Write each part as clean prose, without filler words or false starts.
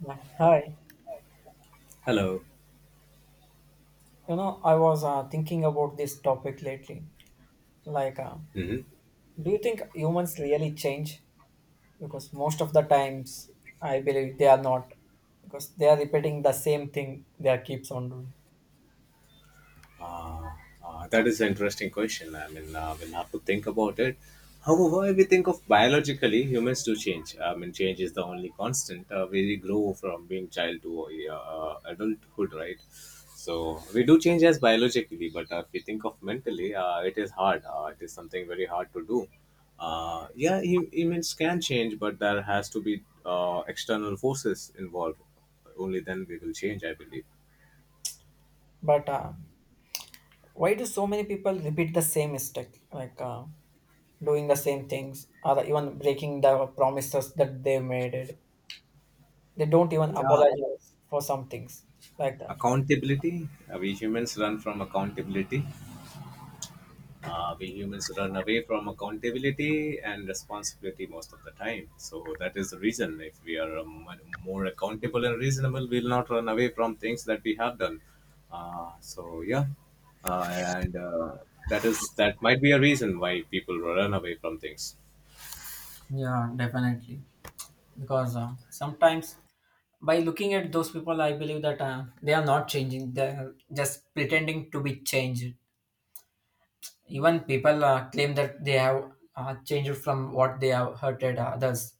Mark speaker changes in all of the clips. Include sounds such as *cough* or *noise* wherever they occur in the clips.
Speaker 1: Yeah, hi.
Speaker 2: Hello.
Speaker 1: I was thinking about this topic lately. Like, uh,
Speaker 2: Hmm.
Speaker 1: do you think humans really change? Because most of the times, I believe they are not, because they are repeating the same thing they are keeps on doing.
Speaker 2: Uh, that is an interesting question. I mean, we'll have to think about it. However, if we think of biologically, humans do change. I mean, change is the only constant. We grow from being child to adulthood, right? So we do change as biologically, but if we think of mentally, it is hard. It is something very hard to do. Yeah, humans can change, but there has to be external forces involved. Only then we will change, I believe.
Speaker 1: But why do so many people repeat the same mistake, doing the same things, or even breaking the promises that they made? It. They don't even
Speaker 2: Yeah.
Speaker 1: apologize for some things like that.
Speaker 2: Accountability. We humans run from accountability. We humans run away from accountability and responsibility most of the time, so that is the reason. If we are more accountable and reasonable, we'll not run away from things that we have done. So yeah. And that might be a reason why people run away from things.
Speaker 1: Yeah, definitely. Because sometimes by looking at those people I believe that they are not changing, they're just pretending to be changed. Even people claim that they have changed from what they have hurted others,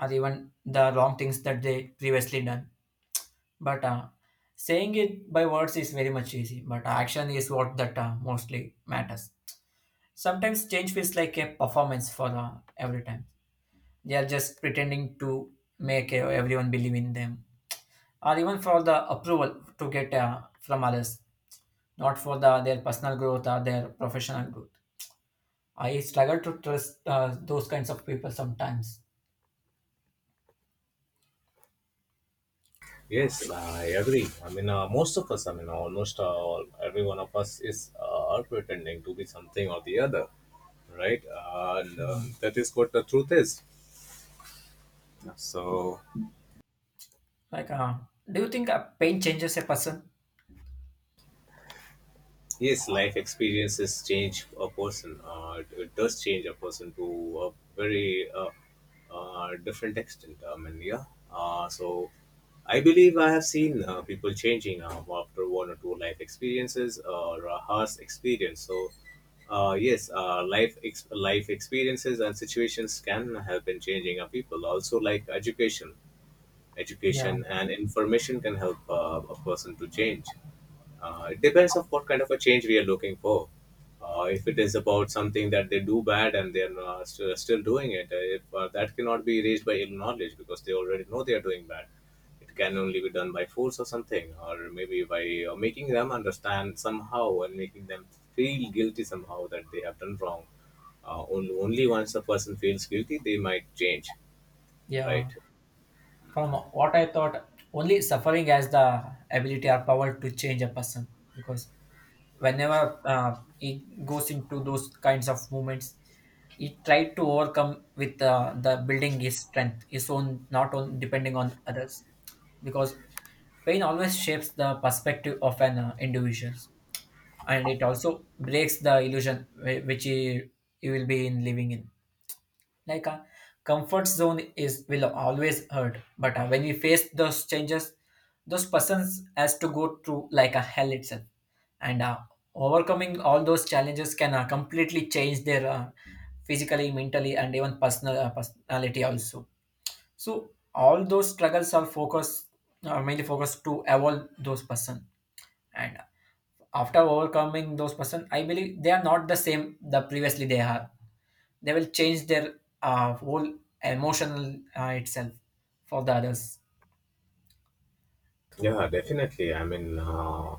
Speaker 1: or even the wrong things that they previously done. But saying it by words is very much easy, but action is what that mostly matters. Sometimes change feels like a performance for every time. They are just pretending to make everyone believe in them, or even for the approval to get from others, not for the their personal growth or their professional growth. I struggle to trust those kinds of people sometimes.
Speaker 2: Yes, I agree. I mean, most of us, I mean, almost all, every one of us is pretending to be something or the other, right? And
Speaker 1: Mm.
Speaker 2: that is what the truth is. So,
Speaker 1: Like, uh, do you think pain changes a person?
Speaker 2: yes, life experiences change a person. It does change a person to a very different extent. I mean, yeah. So, I believe I have seen people changing after one or two life experiences or a harsh experience. So, yes, life experiences and situations can have been changing our people. Also, like
Speaker 1: Yeah.
Speaker 2: education and information can help a person to change. It depends of what kind of a change we are looking for. If it is about something that they do bad and they are still doing it, if that cannot be raised by ill knowledge because they already know they are doing bad. It can only be done by force or something, or maybe by making them understand somehow and making them feel guilty somehow that they have done wrong. Only once a person feels guilty, they might change, right?
Speaker 1: Yeah, from what I thought, only suffering has the ability or power to change a person, because whenever he goes into those kinds of movements, he tried to overcome with the building his strength his own, not on depending on others, because pain always shapes the perspective of an individual, and it also breaks the illusion which he will be in living in, like a comfort zone is will always hurt. But when we face those changes, those persons has to go through like a hell itself, and overcoming all those challenges can completely change their physically, mentally, and even personal personality also. So all those struggles are focused, are mainly focused to evolve those person, and after overcoming those person I believe they are not the same the previously they are. They will change their whole emotional itself for the others.
Speaker 2: Yeah, definitely. I mean,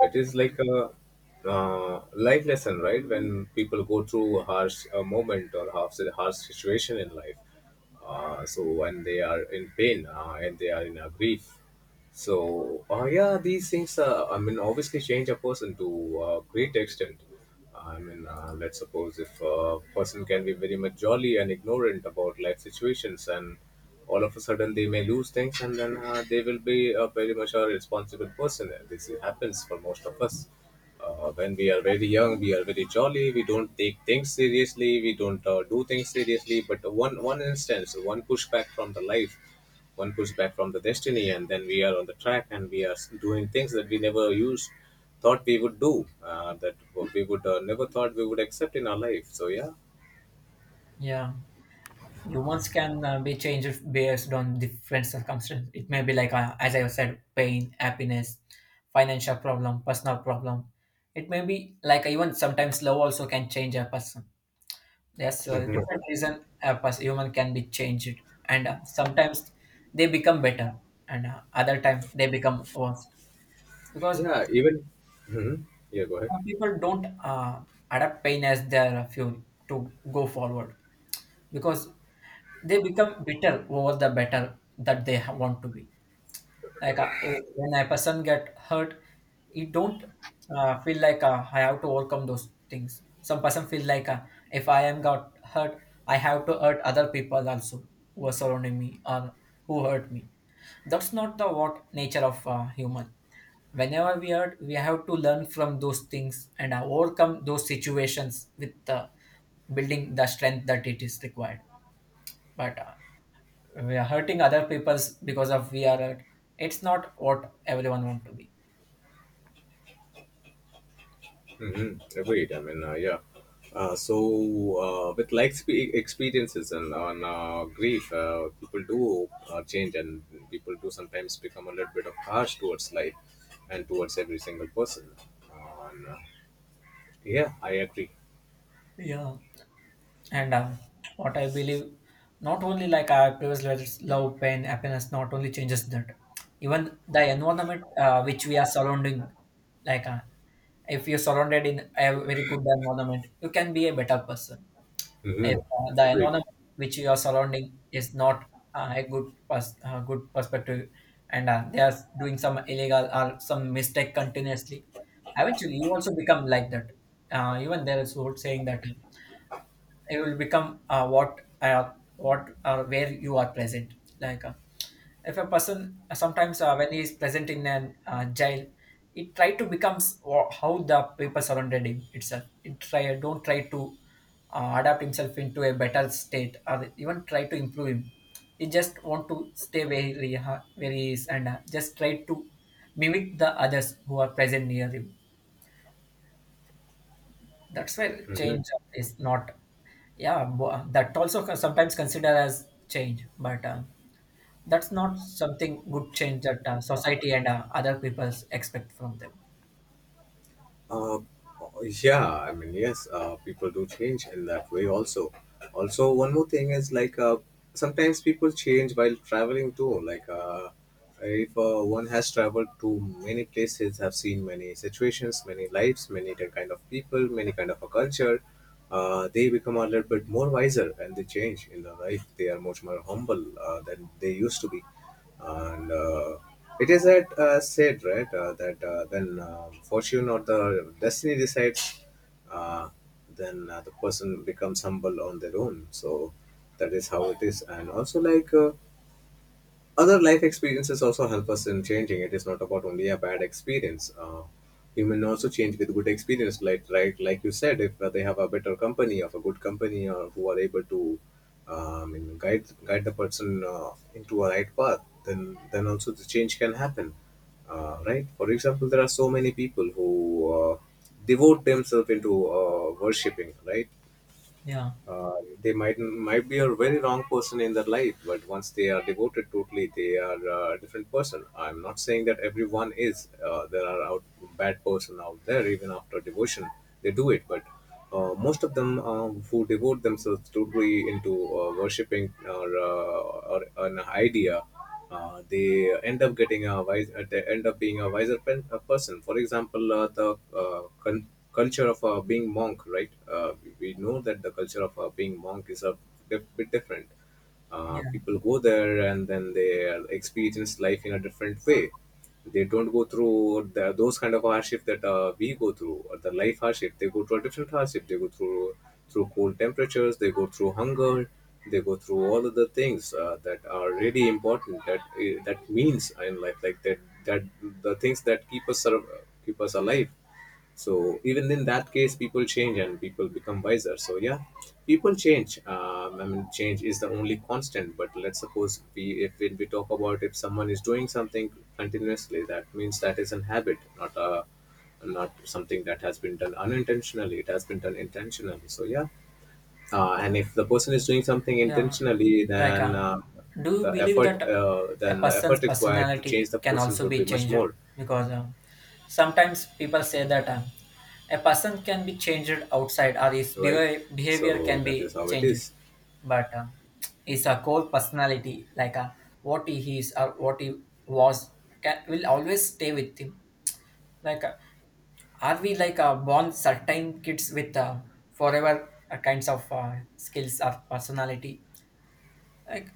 Speaker 2: it is like a life lesson, right? When people go through a harsh moment or harsh situation in life, so when they are in pain and they are in a grief. So, yeah, these things. I mean, obviously, change a person to a great extent. I mean, let's suppose if a person can be very much jolly and ignorant about life situations, and all of a sudden they may lose things, and then they will be a very much a responsible person. And this happens for most of us. When we are very young, we are very jolly. We don't take things seriously. We don't do things seriously. But one instance, one pushback from the destiny, and then we are on the track and we are doing things that we never used thought we would do, that we would never thought we would accept in our life. So yeah.
Speaker 1: Yeah, humans can be changed based on different circumstances. It may be as I said, pain, happiness, financial problem, personal problem. It may be like even sometimes love also can change a person. There's a different reason a human can be changed, and sometimes they become better, and other time they become worse, because
Speaker 2: Yeah, even. Hmm. Yeah, go ahead.
Speaker 1: some people don't adapt pain as their fuel to go forward, because they become bitter over the better that they want to be. Like uh, when a person get hurt, it don't feel like I have to overcome those things. Some person feel like if I am got hurt, I have to hurt other people also, who are surrounding me or who hurt me. That's not the what nature of human. Whenever we hurt, we have to learn from those things and overcome those situations with building the strength that it is required. But we are hurting other people's because of we are hurt. It's not what everyone want to be.
Speaker 2: Hmm, agreed. I mean, yeah. So, with experiences and on grief, people do change, and people do sometimes become a little bit of harsh towards life and towards every single person, uh, and, uh, yeah, I agree.
Speaker 1: Yeah. And what I believe, not only like our previous letters love, pain, happiness not only changes that, even the environment which we are surrounding. like uh, if you're surrounded in a very good environment, you can be a better person. If
Speaker 2: Mm-hmm.
Speaker 1: the
Speaker 2: Agreed.
Speaker 1: environment which you are surrounding is not a good good perspective, and they are doing some illegal or some mistake continuously, eventually you also become like that. Even there is old saying that it will become what where you are present. like uh, if a person sometimes when he is present in an jail, it try to becomes how the people surrounded him itself, it try don't try to adapt himself into a better state or even try to improve him. He just want to stay where he, ha where he is, and just try to mimic the others who are present near him. That's where
Speaker 2: Hmm.
Speaker 1: change is not, yeah, that also sometimes consider as change, but that's not something good change that society and other peoples expect from them.
Speaker 2: Uh, yeah, I mean, yes, people do change in that way also. Also, one more thing is like, sometimes people change while traveling too. Like, if one has traveled to many places, have seen many situations, many lives, many different kind of people, many kind of a culture, they become a little bit more wiser and they change in their life. They are much more humble than they used to be. And it is that said, right? That when fortune or the destiny decides, uh, then the person becomes humble on their own. So that is how it is. And also, like, other life experiences also help us in changing. It is not about only a bad experience. Human also change with good experience. Like you said, if they have a better company of a good company, or who are able to, guide the person into a right path, then also the change can happen. Right. For example, there are so many people who devote themselves into worshipping, right?
Speaker 1: Yeah.
Speaker 2: uh, they might be a very wrong person in their life, but once they are devoted totally, they are a different person. I'm not saying that everyone is, there are out bad person out there even after devotion. They do it, but most of them who devote themselves totally into worshipping, or an idea, uh, they they end up being a wiser pen, a person. For example, the uh, con- culture of being monk, right? We know that the culture of being monk is a bit different.
Speaker 1: Yeah.
Speaker 2: People go there, and then they experience life in a different way. They don't go through those kind of hardship that we go through, or the life hardship. They go through a different hardship. They go through cold temperatures, they go through hunger, they go through all of the things that are really important, that means in life, like that. that the things that keep us keep us alive. So even in that case, people change and people become wiser. So yeah. People change. I mean, change is the only constant. But let's suppose we if we talk about, if someone is doing something continuously, that means that is an habit, not something that has been done unintentionally. It has been done intentionally, so yeah. And if the person is doing something
Speaker 1: Yeah,
Speaker 2: intentionally,
Speaker 1: like,
Speaker 2: then
Speaker 1: uh, do you believe that a
Speaker 2: then the
Speaker 1: person's
Speaker 2: effort required to change
Speaker 1: personality
Speaker 2: the
Speaker 1: can
Speaker 2: person
Speaker 1: also
Speaker 2: would be
Speaker 1: be
Speaker 2: much
Speaker 1: changed?
Speaker 2: more.
Speaker 1: Because sometimes people say that a person can be changed outside or his
Speaker 2: Right.
Speaker 1: behavior,
Speaker 2: So
Speaker 1: can
Speaker 2: that
Speaker 1: be
Speaker 2: is how it
Speaker 1: changed,
Speaker 2: is.
Speaker 1: but his core personality, what he is or what he was, can, will always stay with him. Like, uh, are we born certain kids with forever kinds of skills or personality? Like,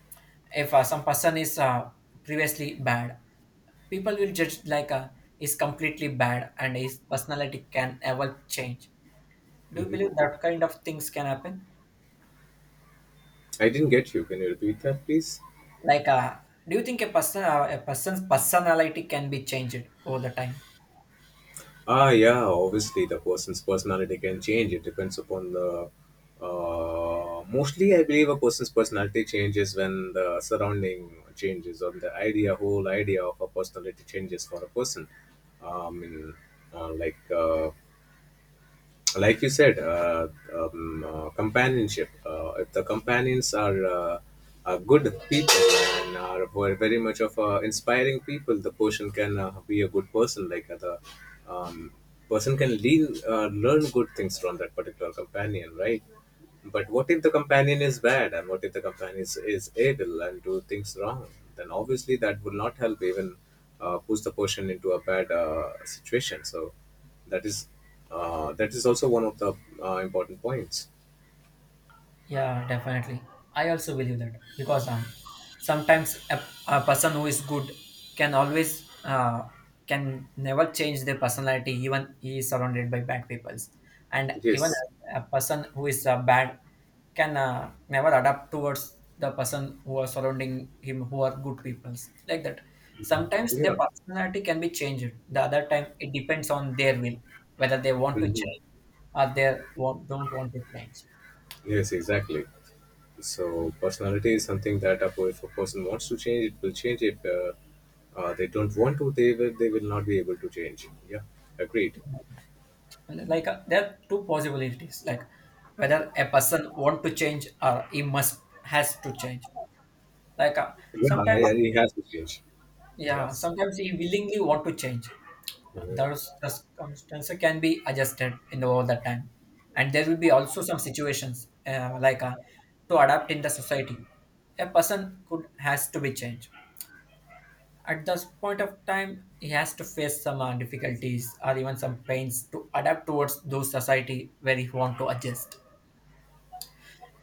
Speaker 1: if some person is previously bad, people will judge like is completely bad, and his personality can ever change. Do you
Speaker 2: Hmm.
Speaker 1: believe that kind of things can happen?
Speaker 2: I didn't get you. Can you repeat that, please?
Speaker 1: like uh, do you think a person a person's personality can be changed over the time?
Speaker 2: Ah, yeah. Obviously, the person's personality can change. It depends upon the. Mostly, I believe a person's personality changes when the surrounding changes, or the whole idea of a personality changes for a person. In, like. Like you said, companionship. If the companions are, good people, and are very much of inspiring people, the person can be a good person. Like, the um, person can learn good things from that particular companion, right? But what if the companion is bad, and what if the companion is evil and do things wrong? Then obviously that will not help, even push the person into a bad situation. So that is that is also one of the important points.
Speaker 1: Yeah, definitely. I also believe that because sometimes a person who is good can always can never change their personality, even he is surrounded by bad peoples, and even
Speaker 2: Yes.
Speaker 1: a person who is bad can never adapt towards the person who are surrounding him who are good peoples like that. Sometimes
Speaker 2: Yeah.
Speaker 1: their personality can be changed. The other time it depends on their will, whether they want to
Speaker 2: Hmm.
Speaker 1: change or they want don't want to change.
Speaker 2: Yes, exactly. So personality is something that if a person wants to change, it will change. If they don't want to, they will not be able to change. Yeah, agreed.
Speaker 1: There are two possibilities, like whether a person want to change or he must has to change. like uh,
Speaker 2: Yeah,
Speaker 1: Sometimes,
Speaker 2: yeah, it has to change.
Speaker 1: yeah,
Speaker 2: Yes.
Speaker 1: sometimes he willingly want to change.
Speaker 2: Mhm.
Speaker 1: Those circumstances can be adjusted in the, all the time, and there will be also some situations to adapt in the society, a person could has to be changed. At this point of time, he has to face some difficulties or even some pains to adapt towards those society where he want to adjust.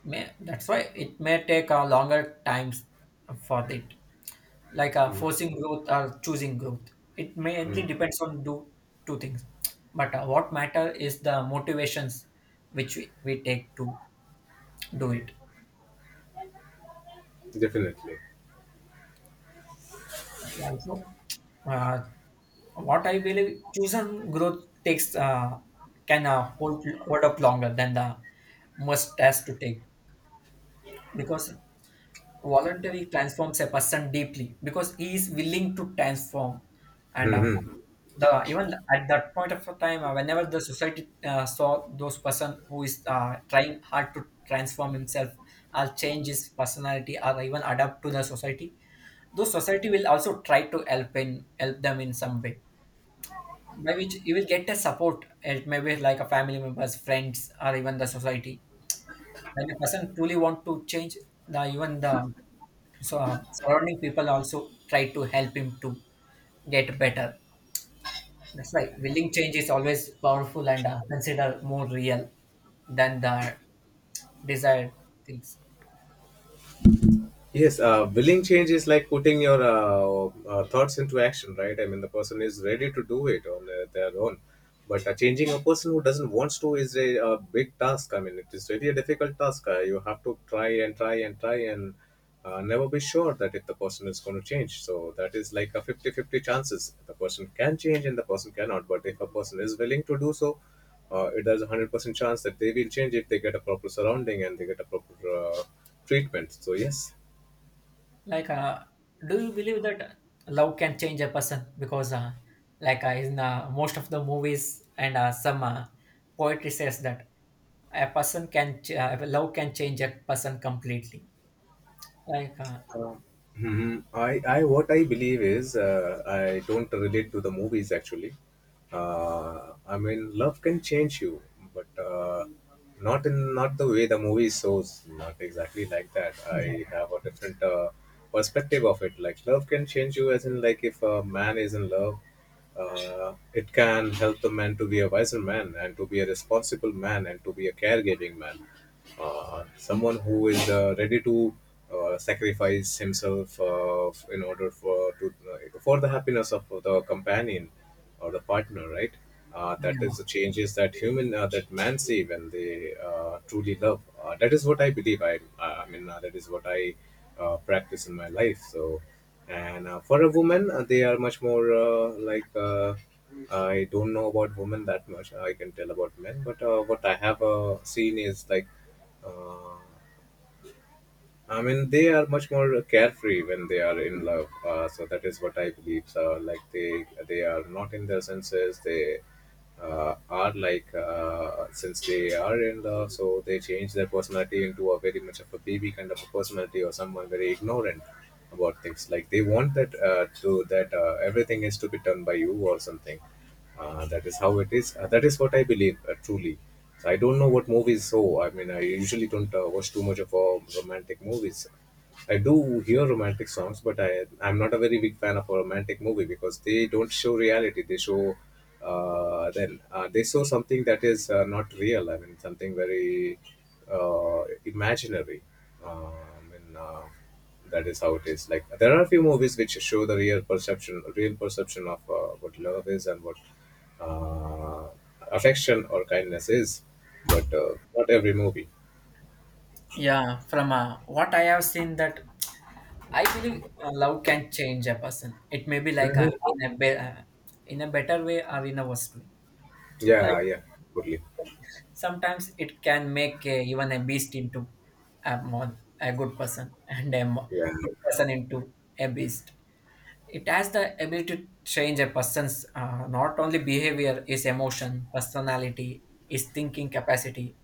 Speaker 1: May, that's why it may take a longer times for it, like
Speaker 2: Mhm.
Speaker 1: forcing growth or choosing growth. It mainly
Speaker 2: Mhm.
Speaker 1: depends on do two things, but what matter is the motivations which we take to do it.
Speaker 2: Definitely.
Speaker 1: And also, uh, what I believe, choosing growth takes can hold up longer than the must has to take, because voluntary transforms a person deeply because he is willing to transform. And the even at that point of time, whenever the society saw those person who is trying hard to transform himself or change his personality or even adapt to the society, those society will also try to help in help them in some way, by which you will get a support. It may be like a family members, friends, or even the society. When a person truly want to change, the even the so surrounding people also try to help him to get better. That's why willing change is always powerful and considered more real than the desired things.
Speaker 2: Yes, willing change is like putting your thoughts into action, right? I mean, the person is ready to do it on their own. But changing a person who doesn't want to is a big task. I mean, it is really a difficult task. You have to try and try and try, and never be sure that if the person is going to change. So that is like a fifty-fifty chances. The person can change and the person cannot. But if a person is willing to do so, it has a 100% chance that they will change if they get a proper surrounding and they get a proper treatment. So yes,
Speaker 1: Like, uh, do you believe that love can change a person? Because, in most of the movies and some poetry says that a person can love can change a person completely. Like, uh,
Speaker 2: Mhm. What I believe is, I don't relate to the movies actually. I mean, love can change you, but not the way the movie shows. Not exactly like that.
Speaker 1: yeah,
Speaker 2: I have a different perspective of it. Like, love can change you, as in, like, if a man is in love, it can help the man to be a wiser man, and to be a responsible man, and to be a caregiving man, someone who is ready to sacrifice himself, in order for to for the happiness of the companion or the partner, right? That is the
Speaker 1: yeah,
Speaker 2: changes that human that man see when they truly love. That is what I believe. I mean, that is what I practice in my life. And for a woman, they are much more I don't know about women that much. I can tell about men, but what I have seen is like uh, I mean, they are much more carefree when they are in love. So that is what I believe. So like they are not in their senses. They are like since they are in love, so they change their personality into a very much of a baby kind of a personality or someone very ignorant about things. Like they want that to that everything is to be done by you or something. That is how it is. That is what I believe, truly. So I don't know what movies. I mean, I usually don't watch too much of romantic movies. I do hear romantic songs, but I'm not a very big fan of a romantic movie because they don't show reality. They show something that is not real. I mean, something very imaginary. Uh, I mean. Uh, that is how it is. Like there are a few movies which show the real perception of what love is and what uh, affection or kindness is, but not every movie.
Speaker 1: yeah. From what I have seen, that I believe love can change a person. It may be
Speaker 2: hmm
Speaker 1: in in a better way or in a worse way. Like
Speaker 2: yeah, yeah, totally.
Speaker 1: sometimes it can make even a beast into a good person, *laughs* and
Speaker 2: yeah
Speaker 1: good person into a beast. It has the ability to change a person's not only behavior, his emotion, personality, his thinking capacity.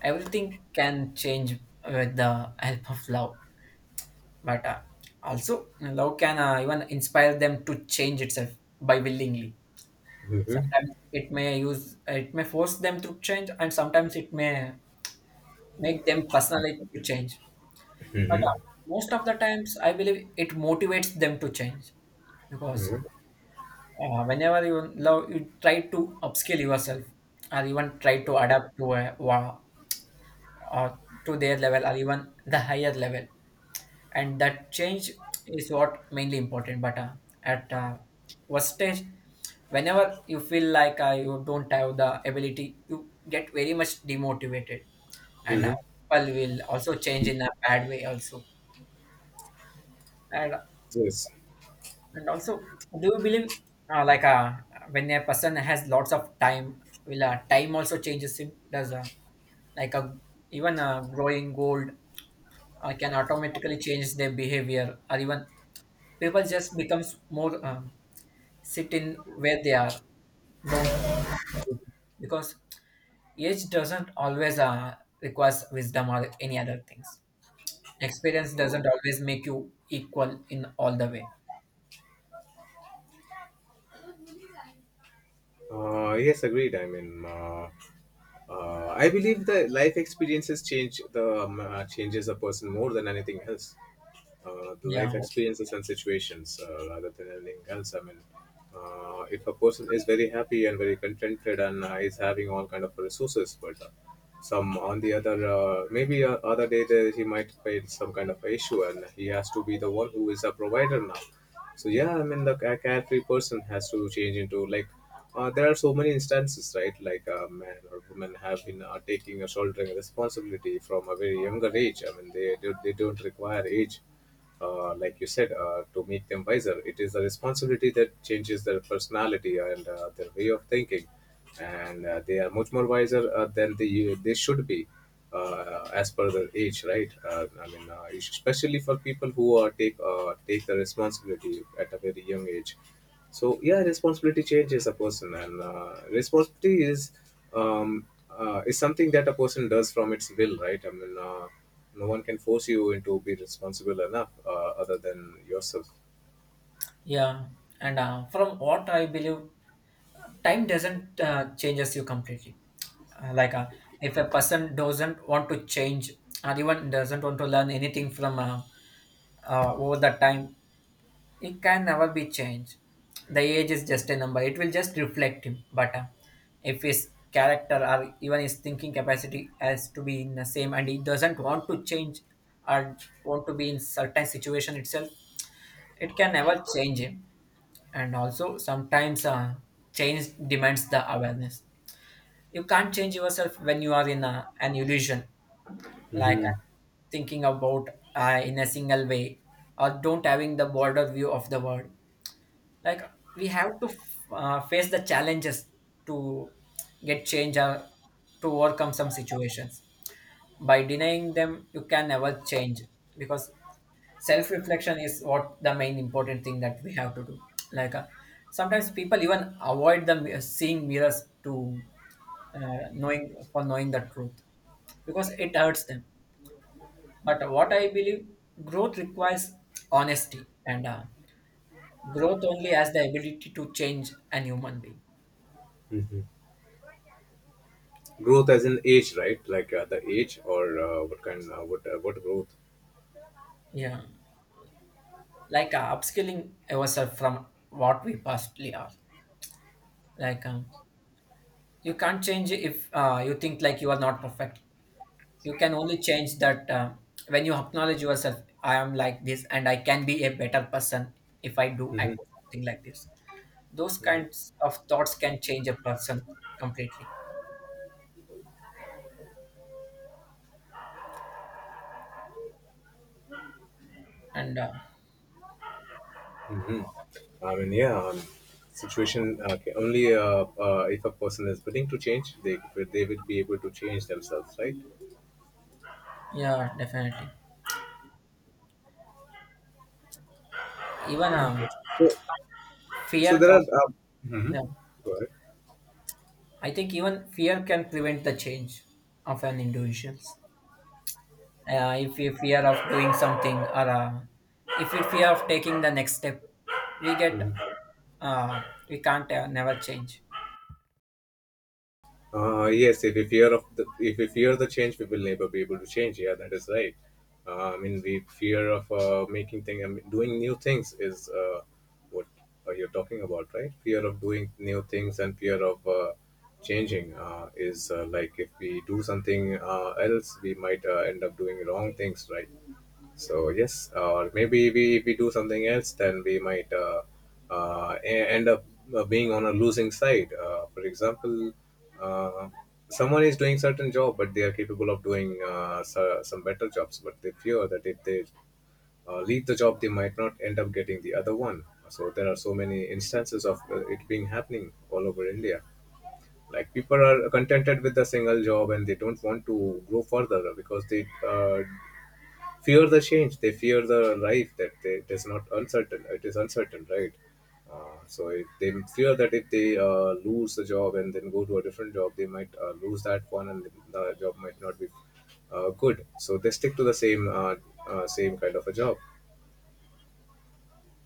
Speaker 1: Everything can change with the help of love. But also love can even inspire them to change itself by willingly.
Speaker 2: hmm
Speaker 1: Sometimes it may use it may force them to change, and sometimes it may make them personally to change. But
Speaker 2: hmm
Speaker 1: most of the times I believe it motivates them to change, because
Speaker 2: hmm
Speaker 1: whenever you love, you try to upskill yourself or even try to adapt to or to their level or even the higher level, and that change is what mainly important. But at what stage, whenever you feel like you don't have the ability, you get very much demotivated, and
Speaker 2: hmm
Speaker 1: people will also change in a bad way also. And,
Speaker 2: yes.
Speaker 1: and also, do you believe uh, like uh, when a person has lots of time, will time also changes him? Does like a even growing old can automatically change their behavior, or even people just becomes more sit in where they are. Don't, because age doesn't always requires wisdom or any other things. Experience doesn't always make you equal in all the way.
Speaker 2: Yes, agreed. I mean, I believe the life experiences change the changes a person more than anything else. The life
Speaker 1: Yeah,
Speaker 2: experiences and situations rather than anything else. I mean, if a person is very happy and very contented and is having all kind of resources, but some on the other maybe other day there, he might face some kind of issue and he has to be the one who is a provider now. So yeah, I mean the carefree person has to change into like, there are so many instances, right? Like a man or woman have been taking or shouldering responsibility from a very younger age. I mean they don't require age, like you said, to make them wiser. It is the responsibility that changes their personality and their way of thinking, and they are much more wiser than they should be as per their age, right? I mean, especially for people who take the responsibility at a very young age. So yeah, responsibility changes a person, and responsibility is something that a person does from its will, right? No one can force you into be responsible enough other than yourself.
Speaker 1: yeah. And from what I believe, time doesn't changes you completely. Uh, like uh, if a person doesn't want to change or even doesn't want to learn anything from over the time, it can never be changed. The age is just a number. It will just reflect him. But if his character or even his thinking capacity has to be in the same and he doesn't want to change, or want to be in certain situation itself, it can never change him. And also sometimes change demands the awareness. You can't change yourself when you are in a, an illusion. Like
Speaker 2: hmm
Speaker 1: uh, thinking about in a single way, or don't having the broader view of the world, like we have to face the challenges to get change or to overcome some situations. By denying them you can never change, because self reflection is what the main important thing that we have to do. like uh, sometimes people even avoid the seeing mirrors to knowing the truth, because it hurts them. But what I believe, growth requires honesty, and growth only has the ability to change an human being.
Speaker 2: hmm Growth as in age, right? Like the age or what kind what growth?
Speaker 1: Yeah, like upskilling yourself from what we pastly are. Like um, you can't change if you think like you are not perfect. You can only change that when you acknowledge yourself. I am like this, and I can be a better person if I do
Speaker 2: hmm
Speaker 1: act something like this. Those
Speaker 2: hmm
Speaker 1: kinds of thoughts can change a person completely. And
Speaker 2: hmm I mean, yeah, situation ca- only if a person is willing to change, they will be able to change themselves, right?
Speaker 1: yeah, definitely. Even
Speaker 2: So, so
Speaker 1: fear.
Speaker 2: there
Speaker 1: Of,
Speaker 2: are.
Speaker 1: yeah,
Speaker 2: Go
Speaker 1: I think even fear can prevent the change of an individual. If you fear of doing something, or if you fear of taking the next step, we get
Speaker 2: ahead.
Speaker 1: uh, we can't never change.
Speaker 2: Yes, if we fear of the, if we fear the change, we will never be able to change. Yeah, that is right. I mean, we fear of making things, I mean, doing new things is what you're talking about, right? Fear of doing new things and fear of changing is like if we do something else, we might end up doing wrong things, right? So yes, or maybe we, if we do something else, then we might uh, e- end up being on a losing side. For example, uh, someone is doing certain job, but they are capable of doing some better jobs, but they fear that if they leave the job, they might not end up getting the other one. So there are so many instances of it being happening all over India. Like people are contented with the single job and they don't want to grow further because they fear the change, they fear the life that they, it is not uncertain, it is uncertain, right? So if they fear that if they lose the job and then go to a different job, they might lose that one and the job might not be good, so they stick to the same same kind of a job.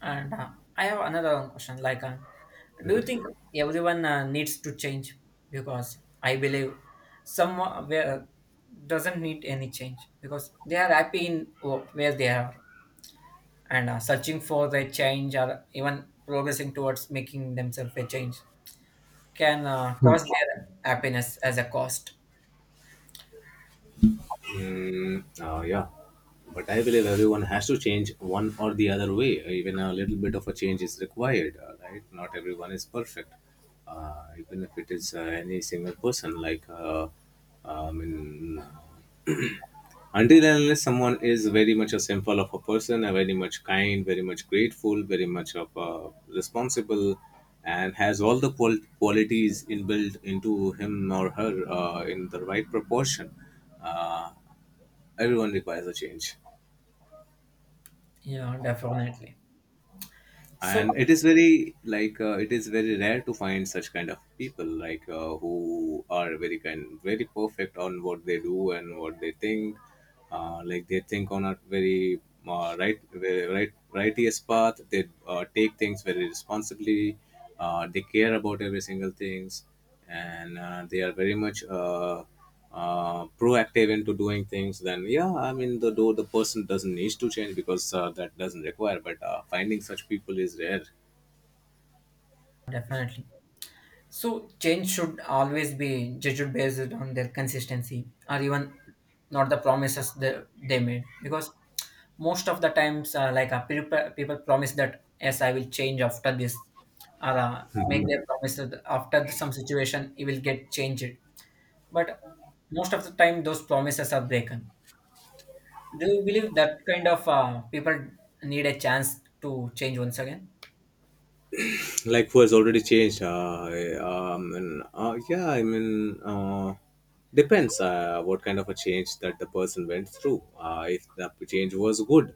Speaker 1: And I have another one question, do you
Speaker 2: Mhm.
Speaker 1: think everyone needs to change? Because I believe someone where doesn't need any change because they are happy in where they are, and searching for the change or even progressing towards making themselves a change can cause their happiness as a cost.
Speaker 2: Mm, yeah. But I believe everyone has to change one or the other way. Even a little bit of a change is required, right? Not everyone is perfect. Even if it is any single person, like, I mean, until and unless someone is very much a symbol of a person, a very much kind, very much grateful, very much of a responsible, and has all the qualities inbuilt into him or her in the right proportion, uh, everyone requires a change.
Speaker 1: Yeah, definitely. So,
Speaker 2: And it is very like it is very rare to find such kind of people, like who are very kind, very perfect on what they do and what they think, like they think on a very right, very right righteous path, they take things very responsibly, they care about every single things, and they are very much proactive into doing things. Then yeah, I mean, the though the person doesn't need to change because that doesn't require, but finding such people is rare.
Speaker 1: definitely. So, change should always be judged based on their consistency, or even not the promises they made. Because most of the times, people, people promise that, yes, I will change after this, or make
Speaker 2: *laughs*
Speaker 1: their promise that after some situation, it will get changed. But most of the time, those promises are broken. Do you believe that kind of people need a chance to change once again?
Speaker 2: Like who has already changed, yeah, I mean, depends what kind of a change that the person went through. If the change was good,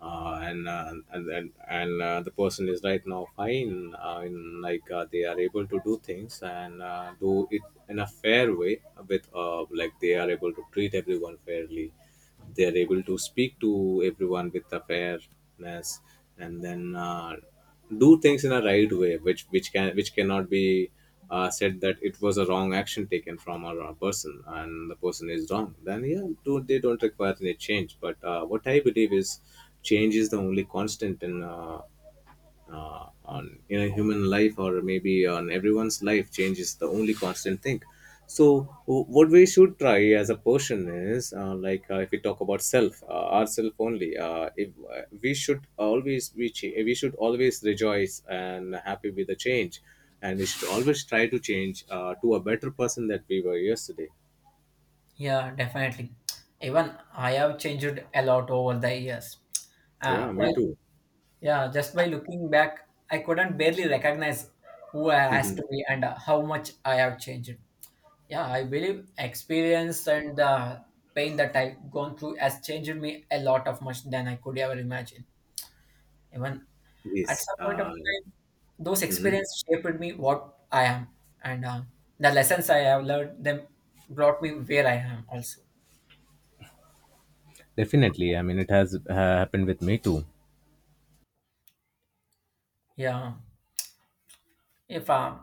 Speaker 2: and the person is right now fine, in like they are able to do things and do it in a fair way, with like they are able to treat everyone fairly, they are able to speak to everyone with a fairness, and then do things in a right way which can which cannot be said that it was a wrong action taken from a person and the person is wrong, then yeah, they don't require any change. But what I believe is change is the only constant in on in a human life, or maybe on everyone's life, change is the only constant thing. So what we should try as a person is if we talk about self, ourself only, if we should always we should always rejoice and happy with the change, and we should always try to change to a better person that we were yesterday.
Speaker 1: Yeah, definitely. Even I have changed a lot over the years. Uh,
Speaker 2: Yeah, me
Speaker 1: but
Speaker 2: too. *laughs*
Speaker 1: yeah, just by looking back, I couldn't barely recognize who I has
Speaker 2: Mhm.
Speaker 1: to be, and how much I have changed. Yeah, I believe experience and the pain that I've gone through has changed me a lot of much than I could ever imagine. Even at
Speaker 2: Yes,
Speaker 1: some point of time, those experiences shaped me what I am, and the lessons I have learned them brought me where I am also.
Speaker 2: definitely, I mean it has happened with me too.
Speaker 1: Yeah. If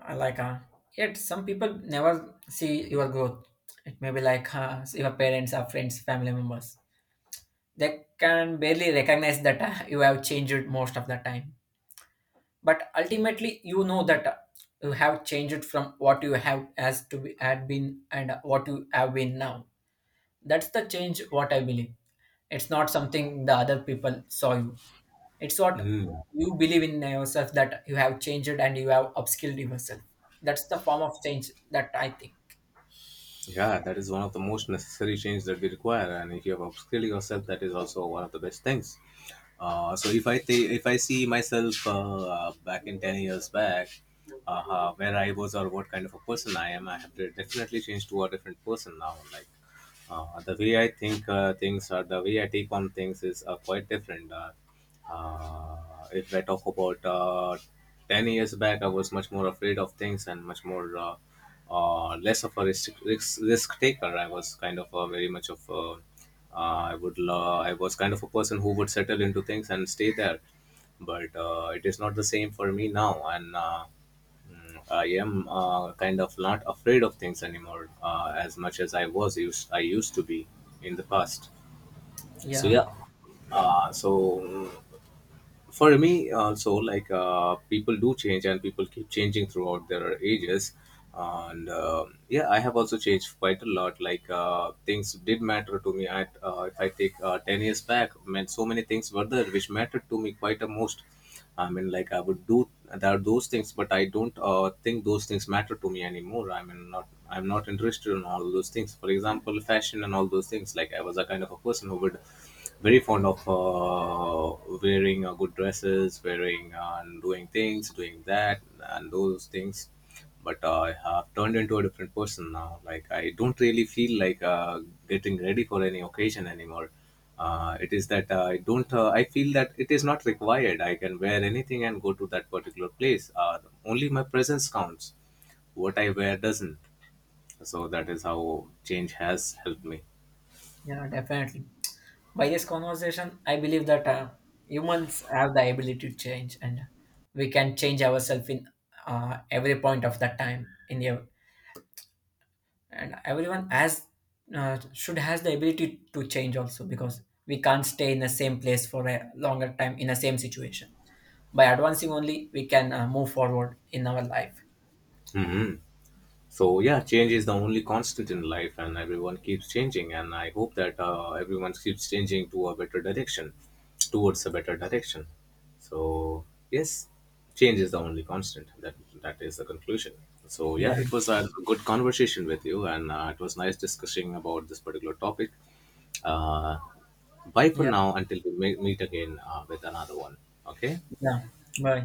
Speaker 1: I yet some people never see your growth. It may be like your parents or friends, family members. They can barely recognize that you have changed most of the time. But ultimately you know that you have changed from what you have as to be had been, and what you have been now. That's the change what I believe. It's not something the other people saw you. It's what
Speaker 2: Mhm.
Speaker 1: you believe in yourself, that you have changed and you have upskilled yourself. That's the form of change that I think.
Speaker 2: Yeah, that is one of the most necessary change that we require, and if you have upskilled yourself, that is also one of the best things. So if I if I see myself back in 10 years back, where I was or what kind of a person I am, I have definitely changed to a different person now. Like the way I think things or the way I take on things is quite different. Uh, if I talk about 10 years back, I was much more afraid of things and much more less of a risk taker. I was kind of a, very much of a, I would I was kind of a person who would settle into things and stay there. But it is not the same for me now, and I am kind of not afraid of things anymore as much as I used to be in the past. So
Speaker 1: Yeah,
Speaker 2: yeah, so for me also, like people do change and people keep changing throughout their ages. And yeah, I have also changed quite a lot. Like things did matter to me at if I take 10 years back, meant so many things were there which mattered to me quite a most. I mean like I would do, there are those things, but I don't think those things matter to me anymore. I mean, not, I'm not interested in all those things, for example fashion and all those things. Like I was a kind of a person who would very fond of wearing good dresses, wearing and doing things, doing that, and those things. But I have turned into a different person now. Like I don't really feel like getting ready for any occasion anymore. It is that I don't. I feel that it is not required. I can wear anything and go to that particular place. Only my presence counts. What I wear doesn't. So that is how change has helped me.
Speaker 1: yeah, definitely. By this conversation, I believe that humans have the ability to change, and we can change ourselves in every point of the time. And everyone has should has the ability to change also, because we can't stay in the same place for a longer time in the same situation. By advancing only, we can move forward in our life.
Speaker 2: hmm so yeah, change is the only constant in life and everyone keeps changing, and I hope that everyone keeps changing to a better direction, towards a better direction. So yes, change is the only constant. That is the conclusion. So yeah,
Speaker 1: Yeah.
Speaker 2: it was a good conversation with you, and it was nice discussing about this particular topic. uh, Bye for
Speaker 1: Dạ,
Speaker 2: now, until we meet again with another one. Okay.
Speaker 1: vâng, vâng.